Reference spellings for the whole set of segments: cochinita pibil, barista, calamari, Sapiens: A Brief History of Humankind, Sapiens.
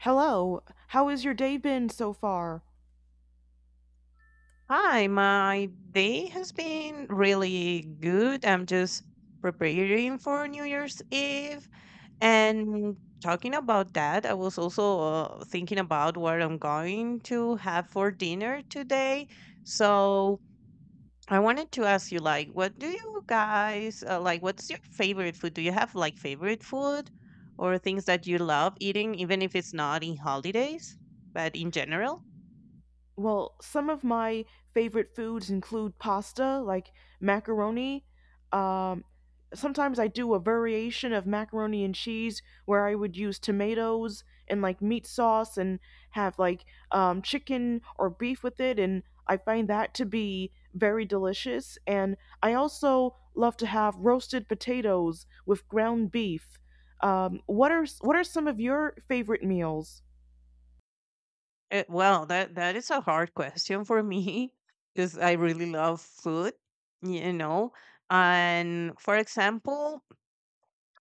Hello, how has your day been so far? Hi, my day has been really good. I'm just preparing for New Year's Eve. And talking about that, I was also thinking about what I'm going to have for dinner today. So I wanted to ask you, like, what do you guys like? What's your favorite food? Do you have like favorite food or things that you love eating, even if it's not in holidays, but in general? Well, some of my favorite foods include pasta, like macaroni. Um, Sometimes I do a variation of macaroni and cheese where I would use tomatoes and like meat sauce and have like chicken or beef with it, and I find that to be very delicious. And I also love to have roasted potatoes with ground beef. What are some of your favorite meals? Well, that is a hard question for me because I really love food, you know. And for example,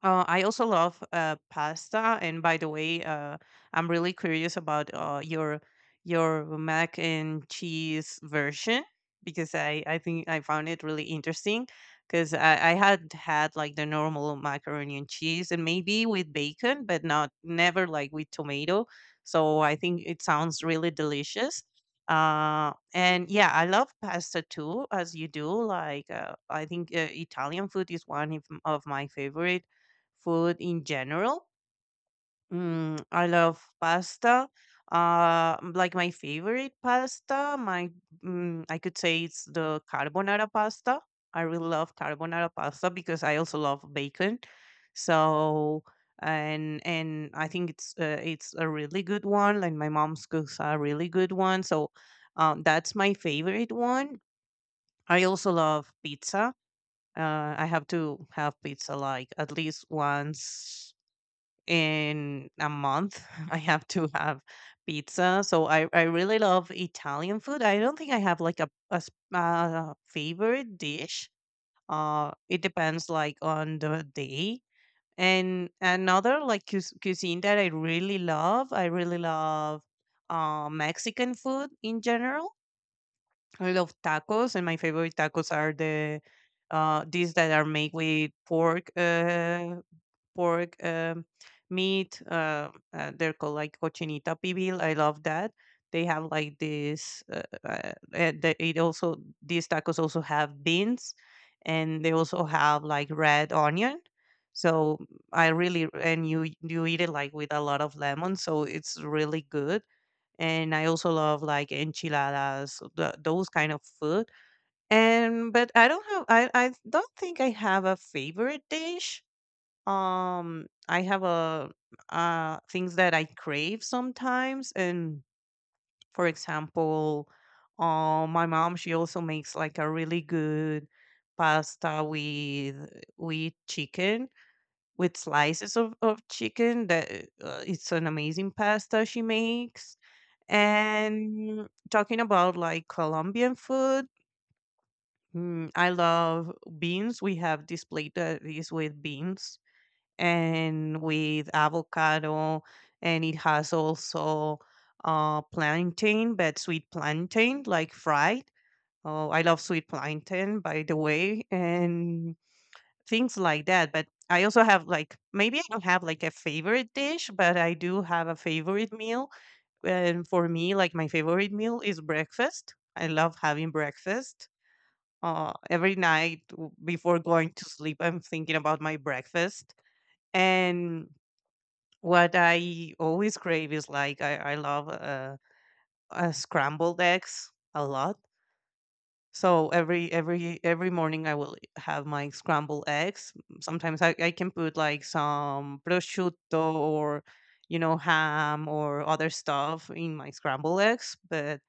I also love pasta. And by the way, I'm really curious about your mac and cheese version because I think I found it really interesting because I had had like the normal macaroni and cheese and maybe with bacon, but not never like with tomato. So I think it sounds really delicious. And yeah, I love pasta too, as you do. Like, I think Italian food is one of my favorite food in general. I love pasta. Like my favorite pasta, I could say it's the carbonara pasta. I really love carbonara pasta because I also love bacon. So and I think it's a really good one. Like my mom's cooks a really good one. So that's my favorite one. I also love pizza. I have to have pizza like at least once in a month. I have to have pizza. So I really love Italian food. I don't think I have like a favorite dish. It depends like on the day. And another like cuisine that I really love Mexican food in general. I love tacos, and my favorite tacos are these that are made with pork. Pork meat. They're called like cochinita pibil. I love that. They have like this. These tacos also have beans, and they also have like red onion. So I really and you eat it like with a lot of lemon, so it's really good. And I also love like enchiladas, those kind of food. And but I don't think I have a favorite dish. I have a things that I crave sometimes. And for example, my mom, she also makes like a really good pasta with chicken, with slices of chicken that it's an amazing pasta she makes. And talking about like Colombian food, I love beans. We have this plate that is with beans and with avocado, and it has also plantain, but sweet plantain, like fried. Oh, I love sweet plantain, by the way, and things like that. But I also have like, maybe I don't have like a favorite dish, but I do have a favorite meal. And for me, like my favorite meal is breakfast. I love having breakfast. Every night, before going to sleep, I'm thinking about my breakfast. And what I always crave is like I love scrambled eggs a lot. So every morning I will have my scrambled eggs. Sometimes I can put like some prosciutto or you know ham or other stuff in my scrambled eggs, but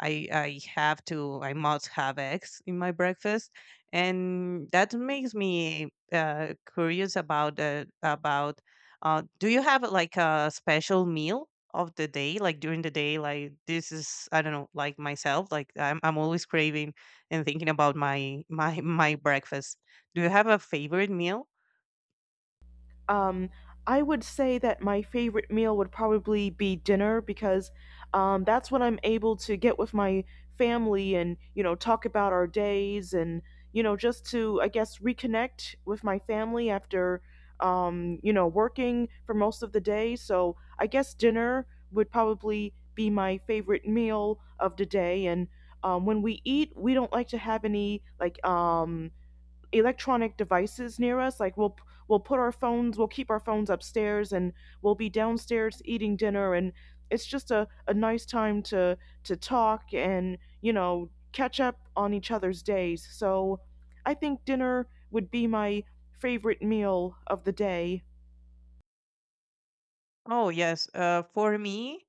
I must have eggs in my breakfast, and that makes me curious about. Do you have like a special meal of the day, like during the day? Like this is, I don't know, like myself, like I'm always craving and thinking about my my breakfast. Do you have a favorite meal? Um, I would say that my favorite meal would probably be dinner because that's when I'm able to get with my family and, you know, talk about our days and, you know, just to, I guess, reconnect with my family after, you know, working for most of the day. So I guess dinner would probably be my favorite meal of the day. And when we eat, we don't like to have any, like, electronic devices near us. Like we'll put our phones, we'll keep our phones upstairs and we'll be downstairs eating dinner, and it's just a nice time to talk and, you know, catch up on each other's days. So I think dinner would be my favorite meal of the day. Oh yes, for me,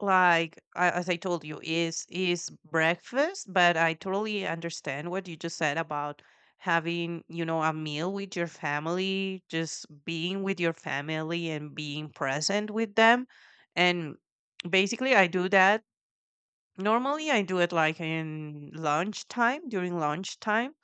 like as I told you, is breakfast. But I totally understand what you just said about having, you know, a meal with your family, just being with your family and being present with them. And basically I do that. Normally I do it like in lunchtime, during lunchtime.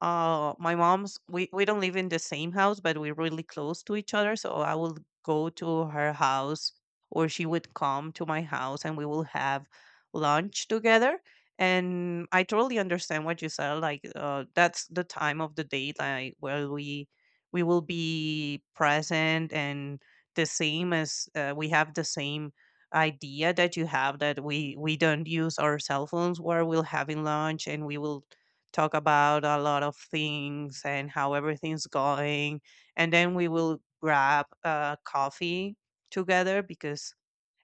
Uh, my mom's we don't live in the same house, but we're really close to each other. So I will go to her house, or she would come to my house, and we will have lunch together. And I totally understand what you said. Like, that's the time of the day, like where we will be present. And the same as, we have the same idea that you have, that we don't use our cell phones while we're having lunch. And we will talk about a lot of things and how everything's going. And then we will grab coffee together because,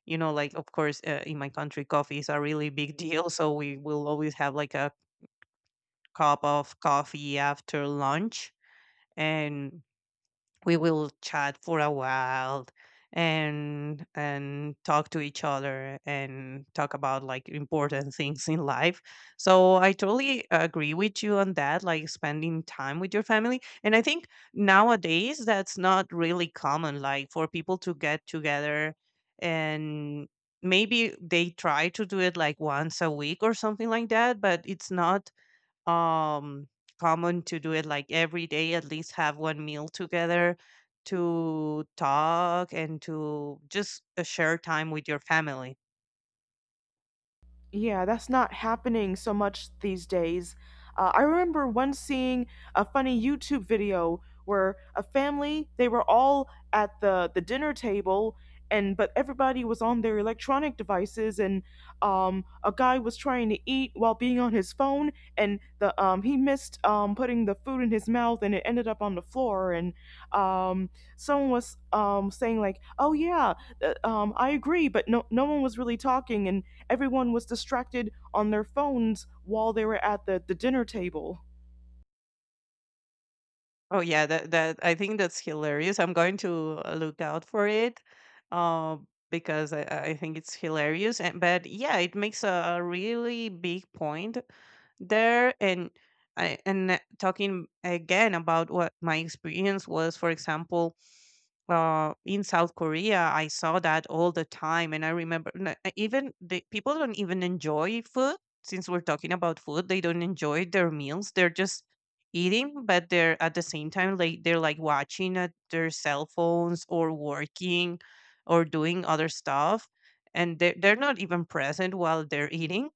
you know, like, of course, in my country, coffee is a really big deal. So we will always have like a cup of coffee after lunch. And we will chat for a while, and talk to each other and talk about like important things in life. So I totally agree with you on that, like spending time with your family. And I think nowadays that's not really common, like for people to get together. And maybe they try to do it like once a week or something like that, but it's not, um common to do it like every day, at least have one meal together, to talk and to just share time with your family. Yeah, that's not happening so much these days. I remember once seeing a funny YouTube video where a family, they were all at the dinner table, and but everybody was on their electronic devices, and a guy was trying to eat while being on his phone, and the he missed putting the food in his mouth and it ended up on the floor, and um, someone was saying like, "Oh yeah, I agree," but no one was really talking and everyone was distracted on their phones while they were at the dinner table. Oh yeah, that I think that's hilarious. I'm going to look out for it. uh, because I think it's hilarious. And but yeah, it makes a really big point there. And talking again about what my experience was, for example, in South Korea, I saw that all the time. And I remember, even the people don't even enjoy food. Since we're talking about food, they don't enjoy their meals. They're just eating, but they're at the same time like, they're like watching at their cell phones or working or doing other stuff, and they're not even present while they're eating.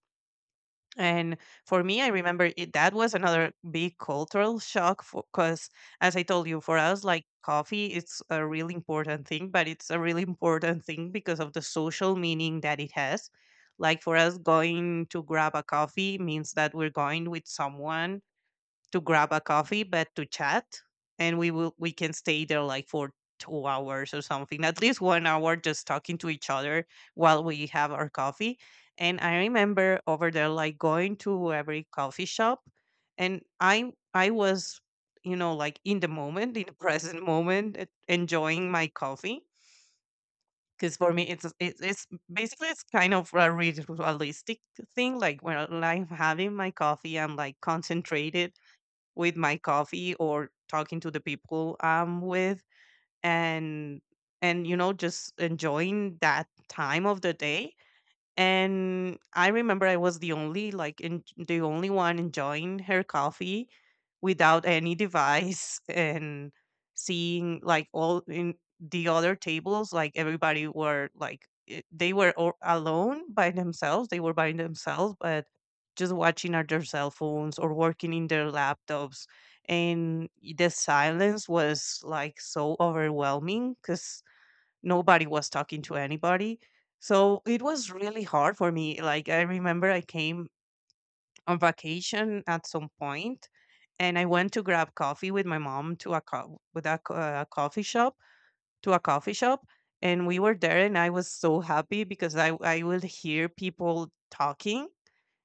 And for me, I remember it, that was another big cultural shock because, as I told you, for us, like coffee, it's a really important thing, but it's a really important thing because of the social meaning that it has. Like for us, going to grab a coffee means that we're going with someone to grab a coffee, but to chat. And we can stay there like for 2 hours or something, at least 1 hour, just talking to each other while we have our coffee. And I remember over there, like going to every coffee shop, and I was, you know, like in the moment, in the present moment, enjoying my coffee. Because for me, it's basically, it's kind of a realistic thing. Like when I'm having my coffee, I'm like concentrated with my coffee or talking to the people I'm with. And you know, just enjoying that time of the day. And I remember I was the only, the only one enjoying her coffee without any device. And seeing like all in the other tables, like everybody were like, they were all alone by themselves. They were by themselves, but just watching at their cell phones or working in their laptops. And the silence was like so overwhelming, because nobody was talking to anybody. So it was really hard for me. Like I remember I came on vacation at some point, and I went to grab coffee with my mom to a co- with a, co- coffee shop, to a coffee shop and we were there, and I was so happy because I would hear people talking,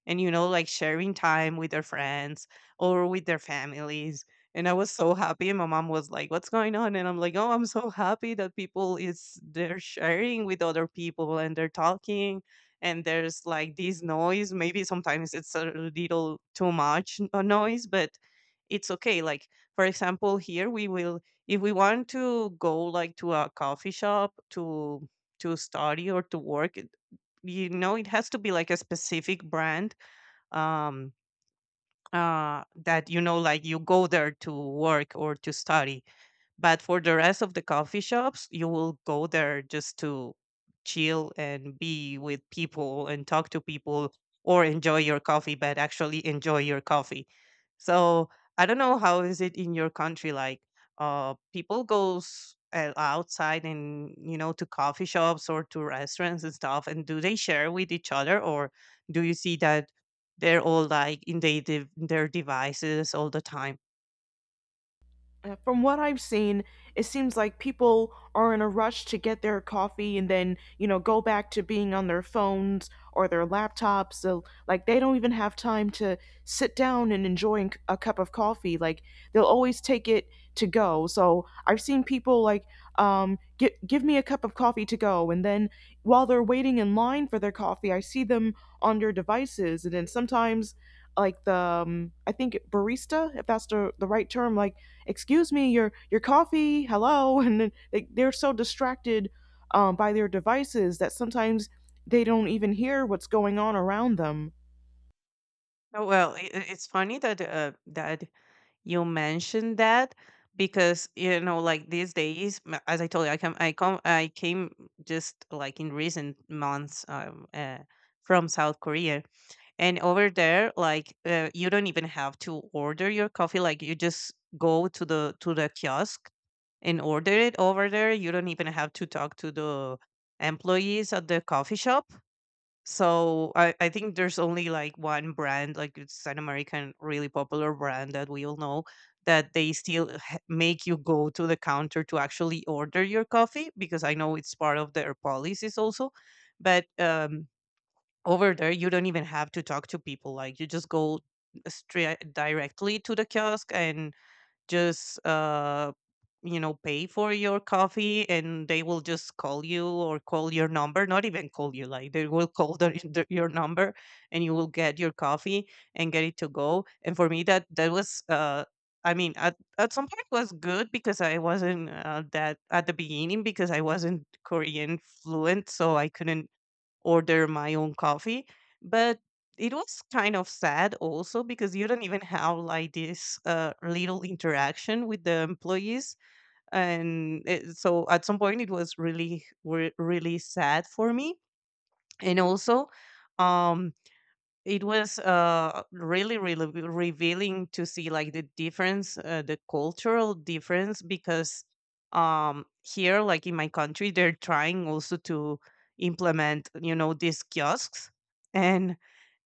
and you know, like sharing time with their friends or with their families. And I was so happy, and my mom was like, what's going on? And I'm like, oh, I'm so happy that people is, they're sharing with other people and they're talking. And there's like this noise, maybe sometimes it's a little too much, noise, but it's okay. Like for example, here we will, if we want to go like to a coffee shop to study or to work, you know, it has to be like a specific brand, um, that, you know, like you go there to work or to study. But for the rest of the coffee shops, you will go there just to chill and be with people and talk to people or enjoy your coffee, but actually enjoy your coffee. So I don't know how is it in your country, like people goes outside, and you know, to coffee shops or to restaurants and stuff, and do they share with each other? Or do you see that they're all like in their devices all the time? From what I've seen, it seems like people are in a rush to get their coffee and then, you know, go back to being on their phones or their laptops. So, like, they don't even have time to sit down and enjoy a cup of coffee. Like, they'll always take it to go. So, I've seen people like, give me a cup of coffee to go. And then while they're waiting in line for their coffee, I see them on their devices. And then sometimes, like, the, I think barista, if that's the right term, like, "Excuse me, your coffee, hello," and they, they're so distracted by their devices that sometimes they don't even hear what's going on around them. Oh, well, it's funny that you mentioned that because you know like these days as I told you I came just like in recent months from South Korea. And over there, like, you don't even have to order your coffee. Like you just go to the kiosk and order it over there. You don't even have to talk to the employees at the coffee shop. So I think there's only like one brand, like it's an American really popular brand that we all know, that they still make you go to the counter to actually order your coffee, because I know it's part of their policies also. But over there, you don't even have to talk to people. Like you just go straight directly to the kiosk and just you know, pay for your coffee, and they will just call you or call your number, not even call you, like they will call your number, and you will get your coffee and get it to go. And for me, that was I mean, at some point was good, because I wasn't that at the beginning, because I wasn't Korean fluent, so I couldn't order my own coffee. But it was kind of sad also, because you don't even have like this little interaction with the employees. And it, so at some point, it was really, really sad for me. And also, um, it was really, really revealing to see like the difference, the cultural difference, because here, like in my country, they're trying also to implement, you know, these kiosks, and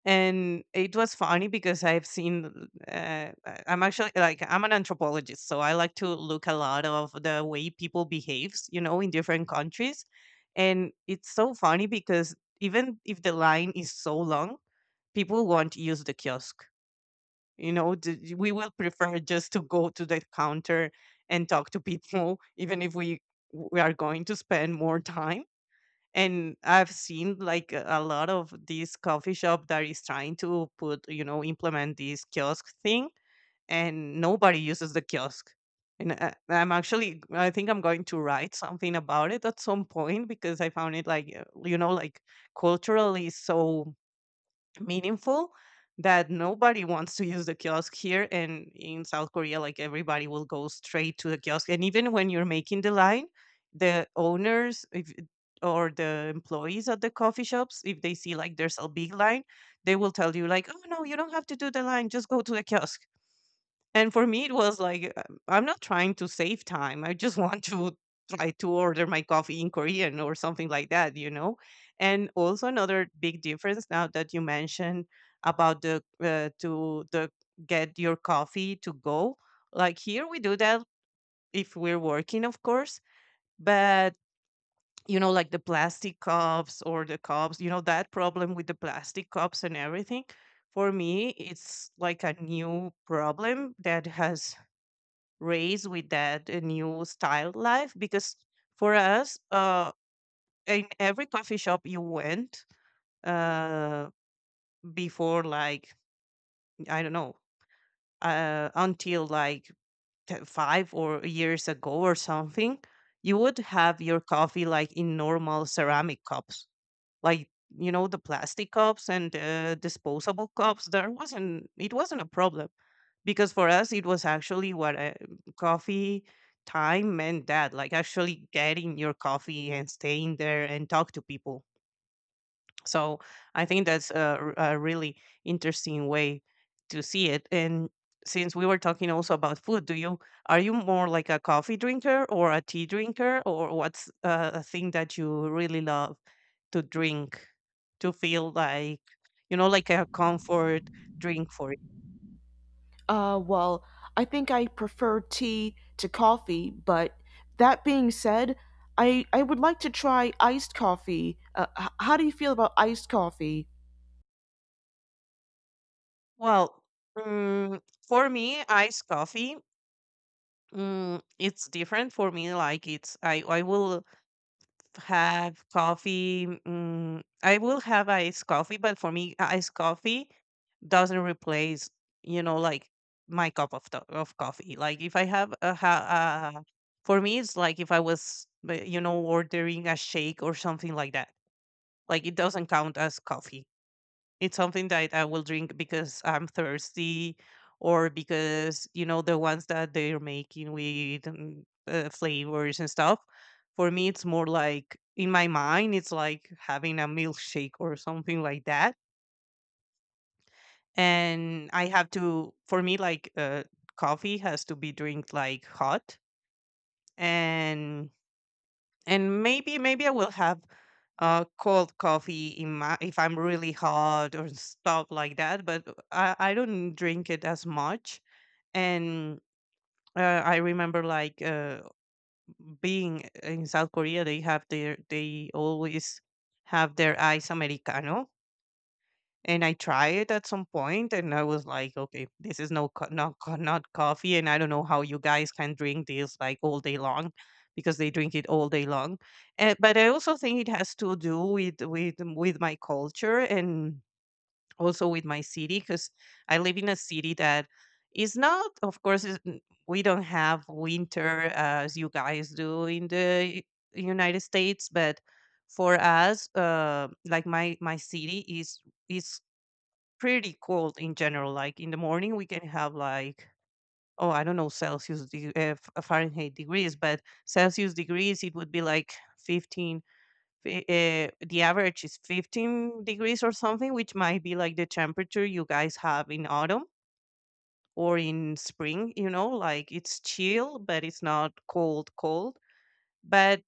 it was funny because I've seen, I'm actually like, I'm an anthropologist, so I like to look a lot of the way people behaves, you know, in different countries. And it's so funny because even if the line is so long, people won't use the kiosk. You know, we will prefer just to go to the counter and talk to people, even if we are going to spend more time. And I've seen like a lot of these coffee shop that is trying to put, you know, implement this kiosk thing, and nobody uses the kiosk. And I'm actually, I think I'm going to write something about it at some point, because I found it like, you know, like culturally so meaningful that nobody wants to use the kiosk here, and in South Korea, like everybody will go straight to the kiosk. And even when you're making the line, the owners, if, or the employees at the coffee shops, if they see like there's a big line, they will tell you like, oh, no, you don't have to do the line, just go to the kiosk. And for me, it was like, I'm not trying to save time. I just want to try to order my coffee in Korean or something like that, you know? And also, another big difference, now that you mentioned about the, to the get your coffee to go. Like here, we do that if we're working, of course. But, you know, like the plastic cups or the cups, you know, that problem with the plastic cups and everything. For me, it's like a new problem that has raised with that new style life, because for us in every coffee shop you went, uh before, like, I don't know, uh, until like 5 or years ago or something, you would have your coffee like in normal ceramic cups. Like, you know, the plastic cups and disposable cups, there wasn't it wasn't a problem, because for us it was actually what, coffee time meant, that like actually getting your coffee and staying there and talk to people. So I think that's a, a really interesting way to see it. And since we were talking also about food, do you are you more like a coffee drinker or a tea drinker, or what's a thing that you really love to drink, to feel like, you know, like a comfort drink for you? Well, I think I prefer tea to coffee, but that being said, I would like to try iced coffee. How do you feel about iced coffee? Well, mm for me, iced coffee. Mm, it's different for me. Like it's I will have coffee. Mm, I will have iced coffee, but for me, iced coffee doesn't replace, you know, like my cup of coffee. Like if I have a, for me, it's like if I was, you know, ordering a shake or something like that. Like it doesn't count as coffee. It's something that I will drink because I'm thirsty, or because, you know, the ones that they're making with flavors and stuff. For me, it's more like in my mind, it's like having a milkshake or something like that. And I have to, for me, like, coffee has to be drink like hot. And maybe I will have cold coffee in my, if I'm really hot or stuff like that. But I don't drink it as much. And I remember like, being in South Korea, they have their they always have their ice americano. And I tried it at some point, and I was like, "Okay, this is no co not co not coffee, and I don't know how you guys can drink this, like, all day long," because they drink it all day long. Eh, but I also think it has to do with with my culture, and also with my city, because I live in a city that is not, of course, is n we don't have winter as you guys do in the U United States. But for us, like, my city is is pretty cold in general. Like in the morning, we can have like, oh, I don't know, Celsius Fahrenheit degrees, but Celsius degrees, it would be like 15. The average is 15 degrees or something, which might be like the temperature you guys have in autumn or in spring. You know, like it's chill, but it's not cold cold. But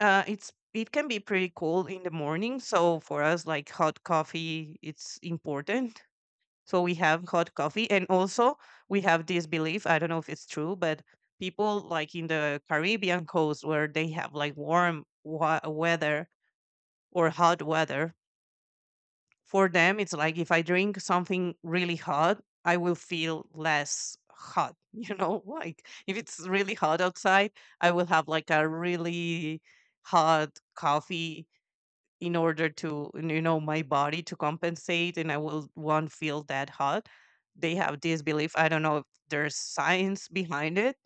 it's it can be pretty cold in the morning. So for us, like hot coffee, it's important, so we have hot coffee. And also, we have this belief, I don't know if it's true, but people like in the Caribbean coast, where they have like warm weather or hot weather, for them, it's like if I drink something really hot, I will feel less hot. You know, like if it's really hot outside, I will have like a really hot coffee in order to, you know, my body to compensate, and I will won't feel that hot. They have this belief, I don't know if there's science behind it,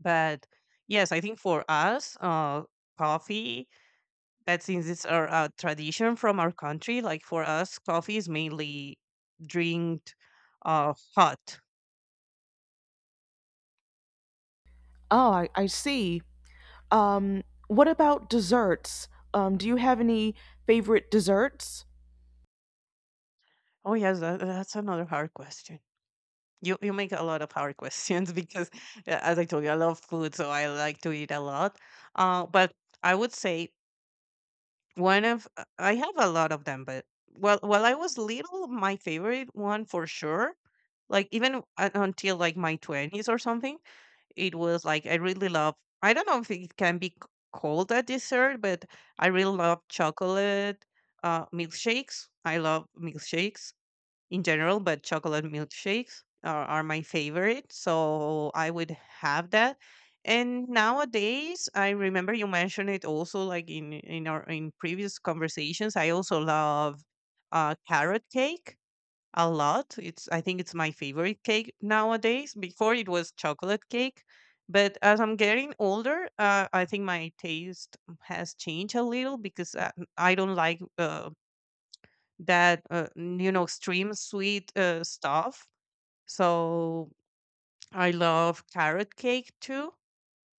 but yes, I think for us, coffee, that since it's our tradition from our country, like for us coffee is mainly drinked, hot. Oh, I see. um, what about desserts? Do you have any favorite desserts? Oh yes, that's another hard question. You make a lot of hard questions because, as I told you, I love food, so I like to eat a lot. But I would say, one of I have a lot of them, but well, while I was little, my favorite one for sure, like even, until like my twenties or something, it was like I really love. I don't know if it can be called a dessert, but I really love chocolate milkshakes. I love milkshakes in general, but chocolate milkshakes are my favorite. So I would have that. And nowadays, I remember you mentioned it also, like in our in previous conversations. I also love carrot cake a lot. It's I think it's my favorite cake nowadays. Before it was chocolate cake, but as I'm getting older, I think my taste has changed a little because, I don't like that you know, extreme sweet stuff. So I love carrot cake too.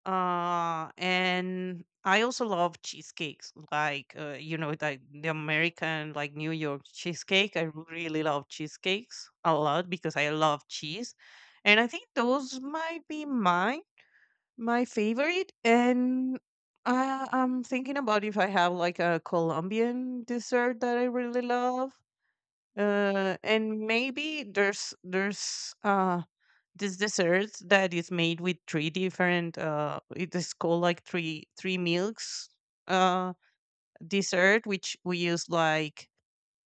And I also love cheesecakes, like, you know, like the American, like New York cheesecake. I really love cheesecakes a lot because I love cheese. And I think those might be my favorite. And I'm thinking about if I have like a Colombian dessert that I really love. And maybe there's this dessert that is made with three different, uh, it is called like three milks uh dessert, which we use like,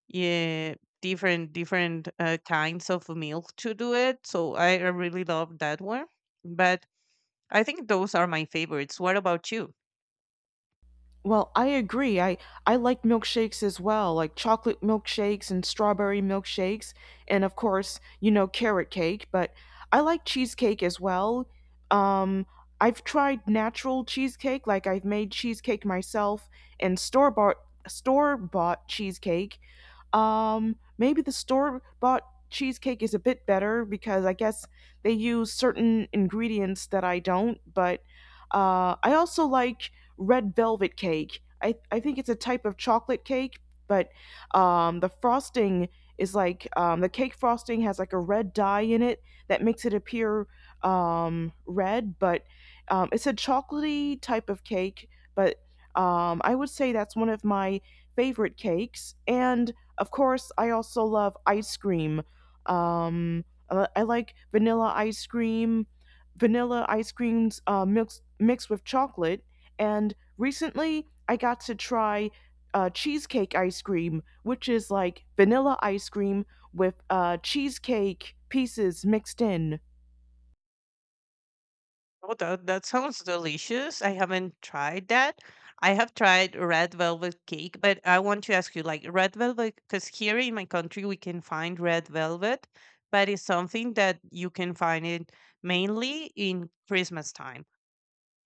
yeah, different kinds of milk to do it. So I really love that one, but I think those are my favorites. What about you? Well, I agree. I like milkshakes as well, like chocolate milkshakes and strawberry milkshakes, and of course, you know, carrot cake, but I like cheesecake as well. Um I've tried natural cheesecake, like I've made cheesecake myself, and store-bought cheesecake. Maybe the store bought cheesecake is a bit better because I guess they use certain ingredients that I don't, but I also like red velvet cake. I think it's a type of chocolate cake, but the frosting is like, the cake frosting has like a red dye in it that makes it appear red, but it's a chocolatey type of cake, but I would say that's one of my favorite cakes. And of course, I also love ice cream. Um, I like vanilla ice cream, vanilla ice creams mixed with chocolate. And recently, I got to try cheesecake ice cream, which is like vanilla ice cream with cheesecake pieces mixed in. Oh, that sounds delicious. I haven't tried that. I have tried red velvet cake, but I want to ask you, like, red velvet, because here in my country we can find red velvet, but it's something that you can find it mainly in Christmas time.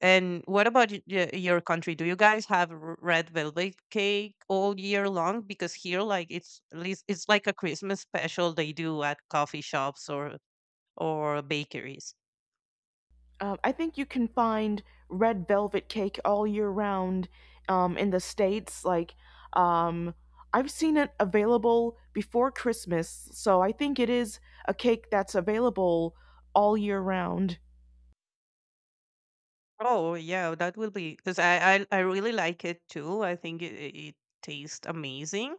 And what about your country? Do you guys have red velvet cake all year long? Because here, like, it's at least it's like a Christmas special they do at coffee shops or bakeries. I think you can find red velvet cake all year round, in the states. Like, um, I've seen it available before Christmas, so I think it is a cake that's available all year round. Oh yeah, that will be because I really like it too. I think it tastes amazing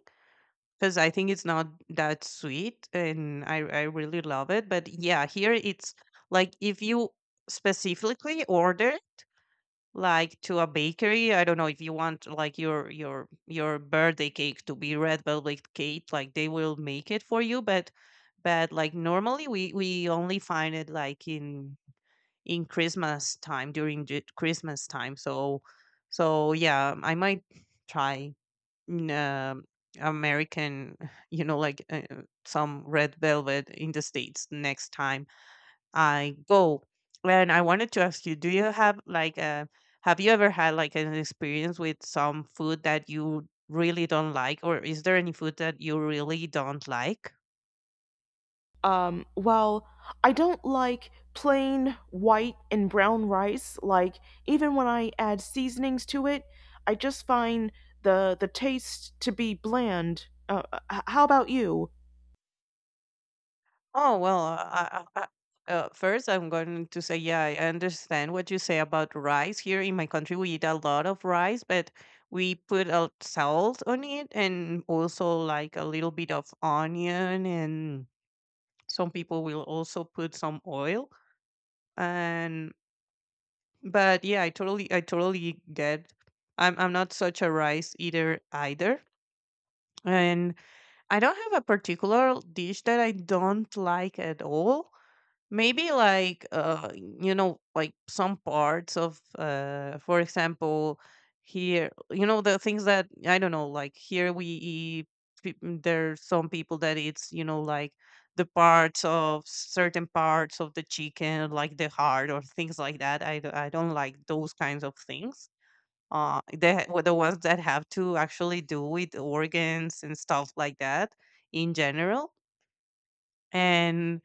because I think it's not that sweet, and I really love it. But yeah, here it's like if you specifically order. It. Like to a bakery. I don't know if you want like your birthday cake to be red velvet cake, like they will make it for you. But like normally we only find it like in Christmas time during the Christmas time. So so yeah, I might try mm, um American, like some red velvet in the states next time I go. And I wanted to ask you, do you have like a have you ever had like an experience with some food that you really don't like, or is there any food that you really don't like? While I don't like plain white and brown rice, like even when I add seasonings to it, I just find the taste to be bland. How about you? Oh well, first I'm going to say yeah, I understand what you say about rice. Here in my country, we eat a lot of rice, but we put a salt on it and also like a little bit of onion, and some people will also put some oil. And but yeah, I totally get. I'm not such a rice eater either. And I don't have a particular dish that I don't like at all, maybe like you know, like some parts of for example, here, you know, the things that I don't know, like here we eat there's some people that eats, you know, like the parts of certain parts of the chicken, like the heart or things like that. I don't like those kinds of things, the ones that have to actually do with organs and stuff like that in general. and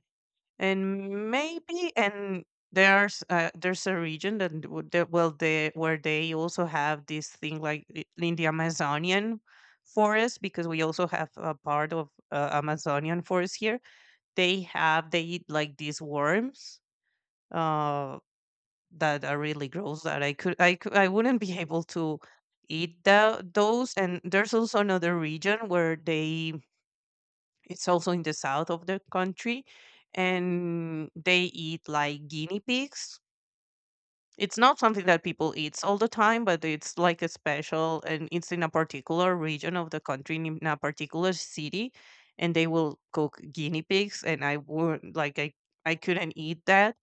and maybe and there's there's a region that would that well they where they also have this thing like in the Amazonian forest, because we also have a part of Amazonian forest here. They have they eat like these worms uh that are really gross, that I wouldn't be able to eat those. And there's also another region where they it's also in the south of the country and they eat like guinea pigs. It's not something that people eat all the time, but it's like a special and it's in a particular region of the country in a particular city. And they will cook guinea pigs and I would like I couldn't eat that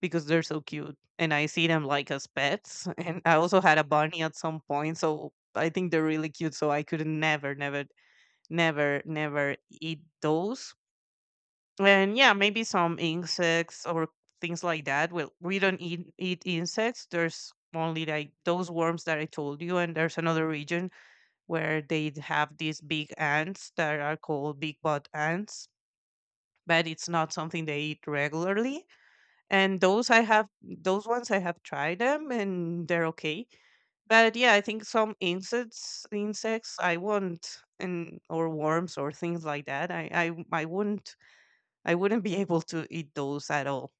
because they're so cute and I see them like as pets. And I also had a bunny at some point, so I think they're really cute, so I could never eat those. And yeah, maybe some insects or things like that. Well, we don't eat insects. There's only like those worms that I told you, and there's another region where they have these big ants that are called big butt ants, but it's not something they eat regularly. And those I have, those ones I have tried them, and they're okay. But yeah, I think some insects, insects I won't, and or worms or things like that. I wouldn't I wouldn't be able to eat those at all.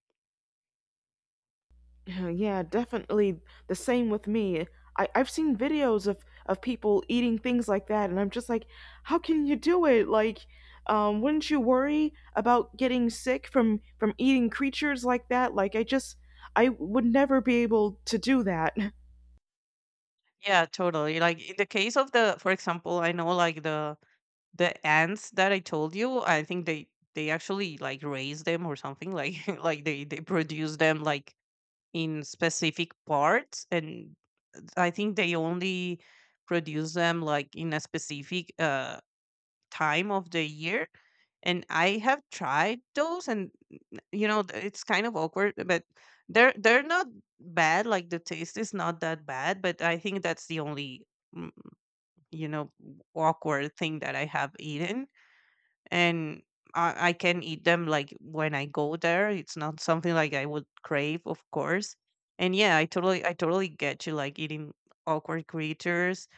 Yeah, yeah, definitely the same with me. I've seen videos of people eating things like that, and I'm just like, how can you do it? Like, wouldn't you worry about getting sick from eating creatures like that? Like, I just, I would never be able to do that. Yeah, totally. Like in the case of the, for example, I know like the ants that I told you, I think they actually like raise them or something, like like they produce them like in specific parts. And I think they only produce them like in a specific time of the year. And I have tried those, and you know, it's kind of awkward, but they're not bad. Like the taste is not that bad, but I think that's the only mm, you know, awkward thing that I have eaten, and I can eat them like when I go there. It's not something like I would crave, of course. And yeah, I totally get you, like eating awkward creatures.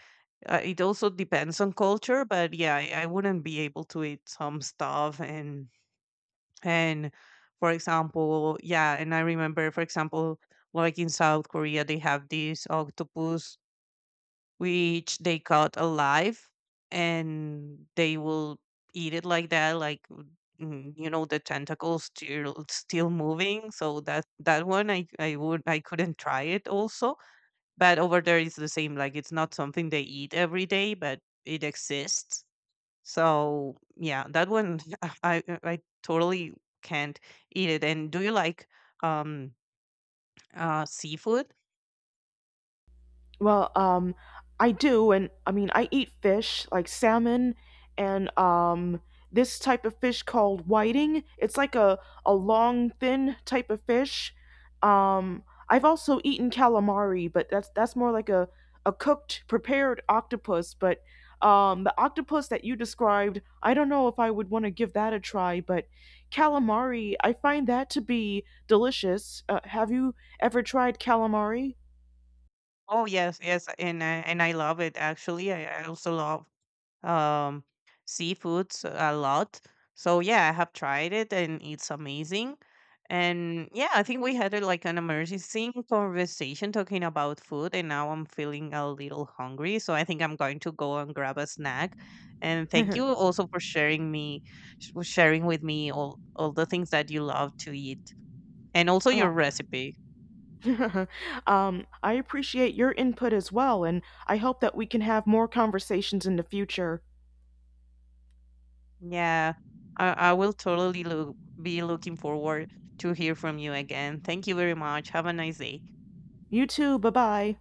It also depends on culture, but yeah, I wouldn't be able to eat some stuff. And for example, yeah, and I remember, for example, like in South Korea, they have this octopus which they caught alive and they will eat it like that, like you know, the tentacles still moving. So that one I couldn't try it also. But over there it's the same, like it's not something they eat every day, but it exists. So yeah, that one I totally can't eat it. And do you like um seafood? Well, I do, and I mean, I eat fish like salmon and this type of fish called whiting. It's like a long, thin type of fish. I've also eaten calamari, but that's more like a cooked, prepared octopus. But the octopus that you described, I don't know if I would want to give that a try. But calamari, I find that to be delicious. Have you ever tried calamari? Oh yes, yes, and I love it actually. I also love um, seafoods a lot. So yeah, I have tried it and it's amazing. And yeah, I think we had a, like, an amazing conversation talking about food, and now I'm feeling a little hungry. So I think I'm going to go and grab a snack. And thank you also for sharing me, sharing with me all the things that you love to eat, and also Uh, your recipe. I appreciate your input as well, and I hope that we can have more conversations in the future. Yeah, I will totally look, be looking forward to hear from you again. Thank you very much. Have a nice day. You too, bye bye.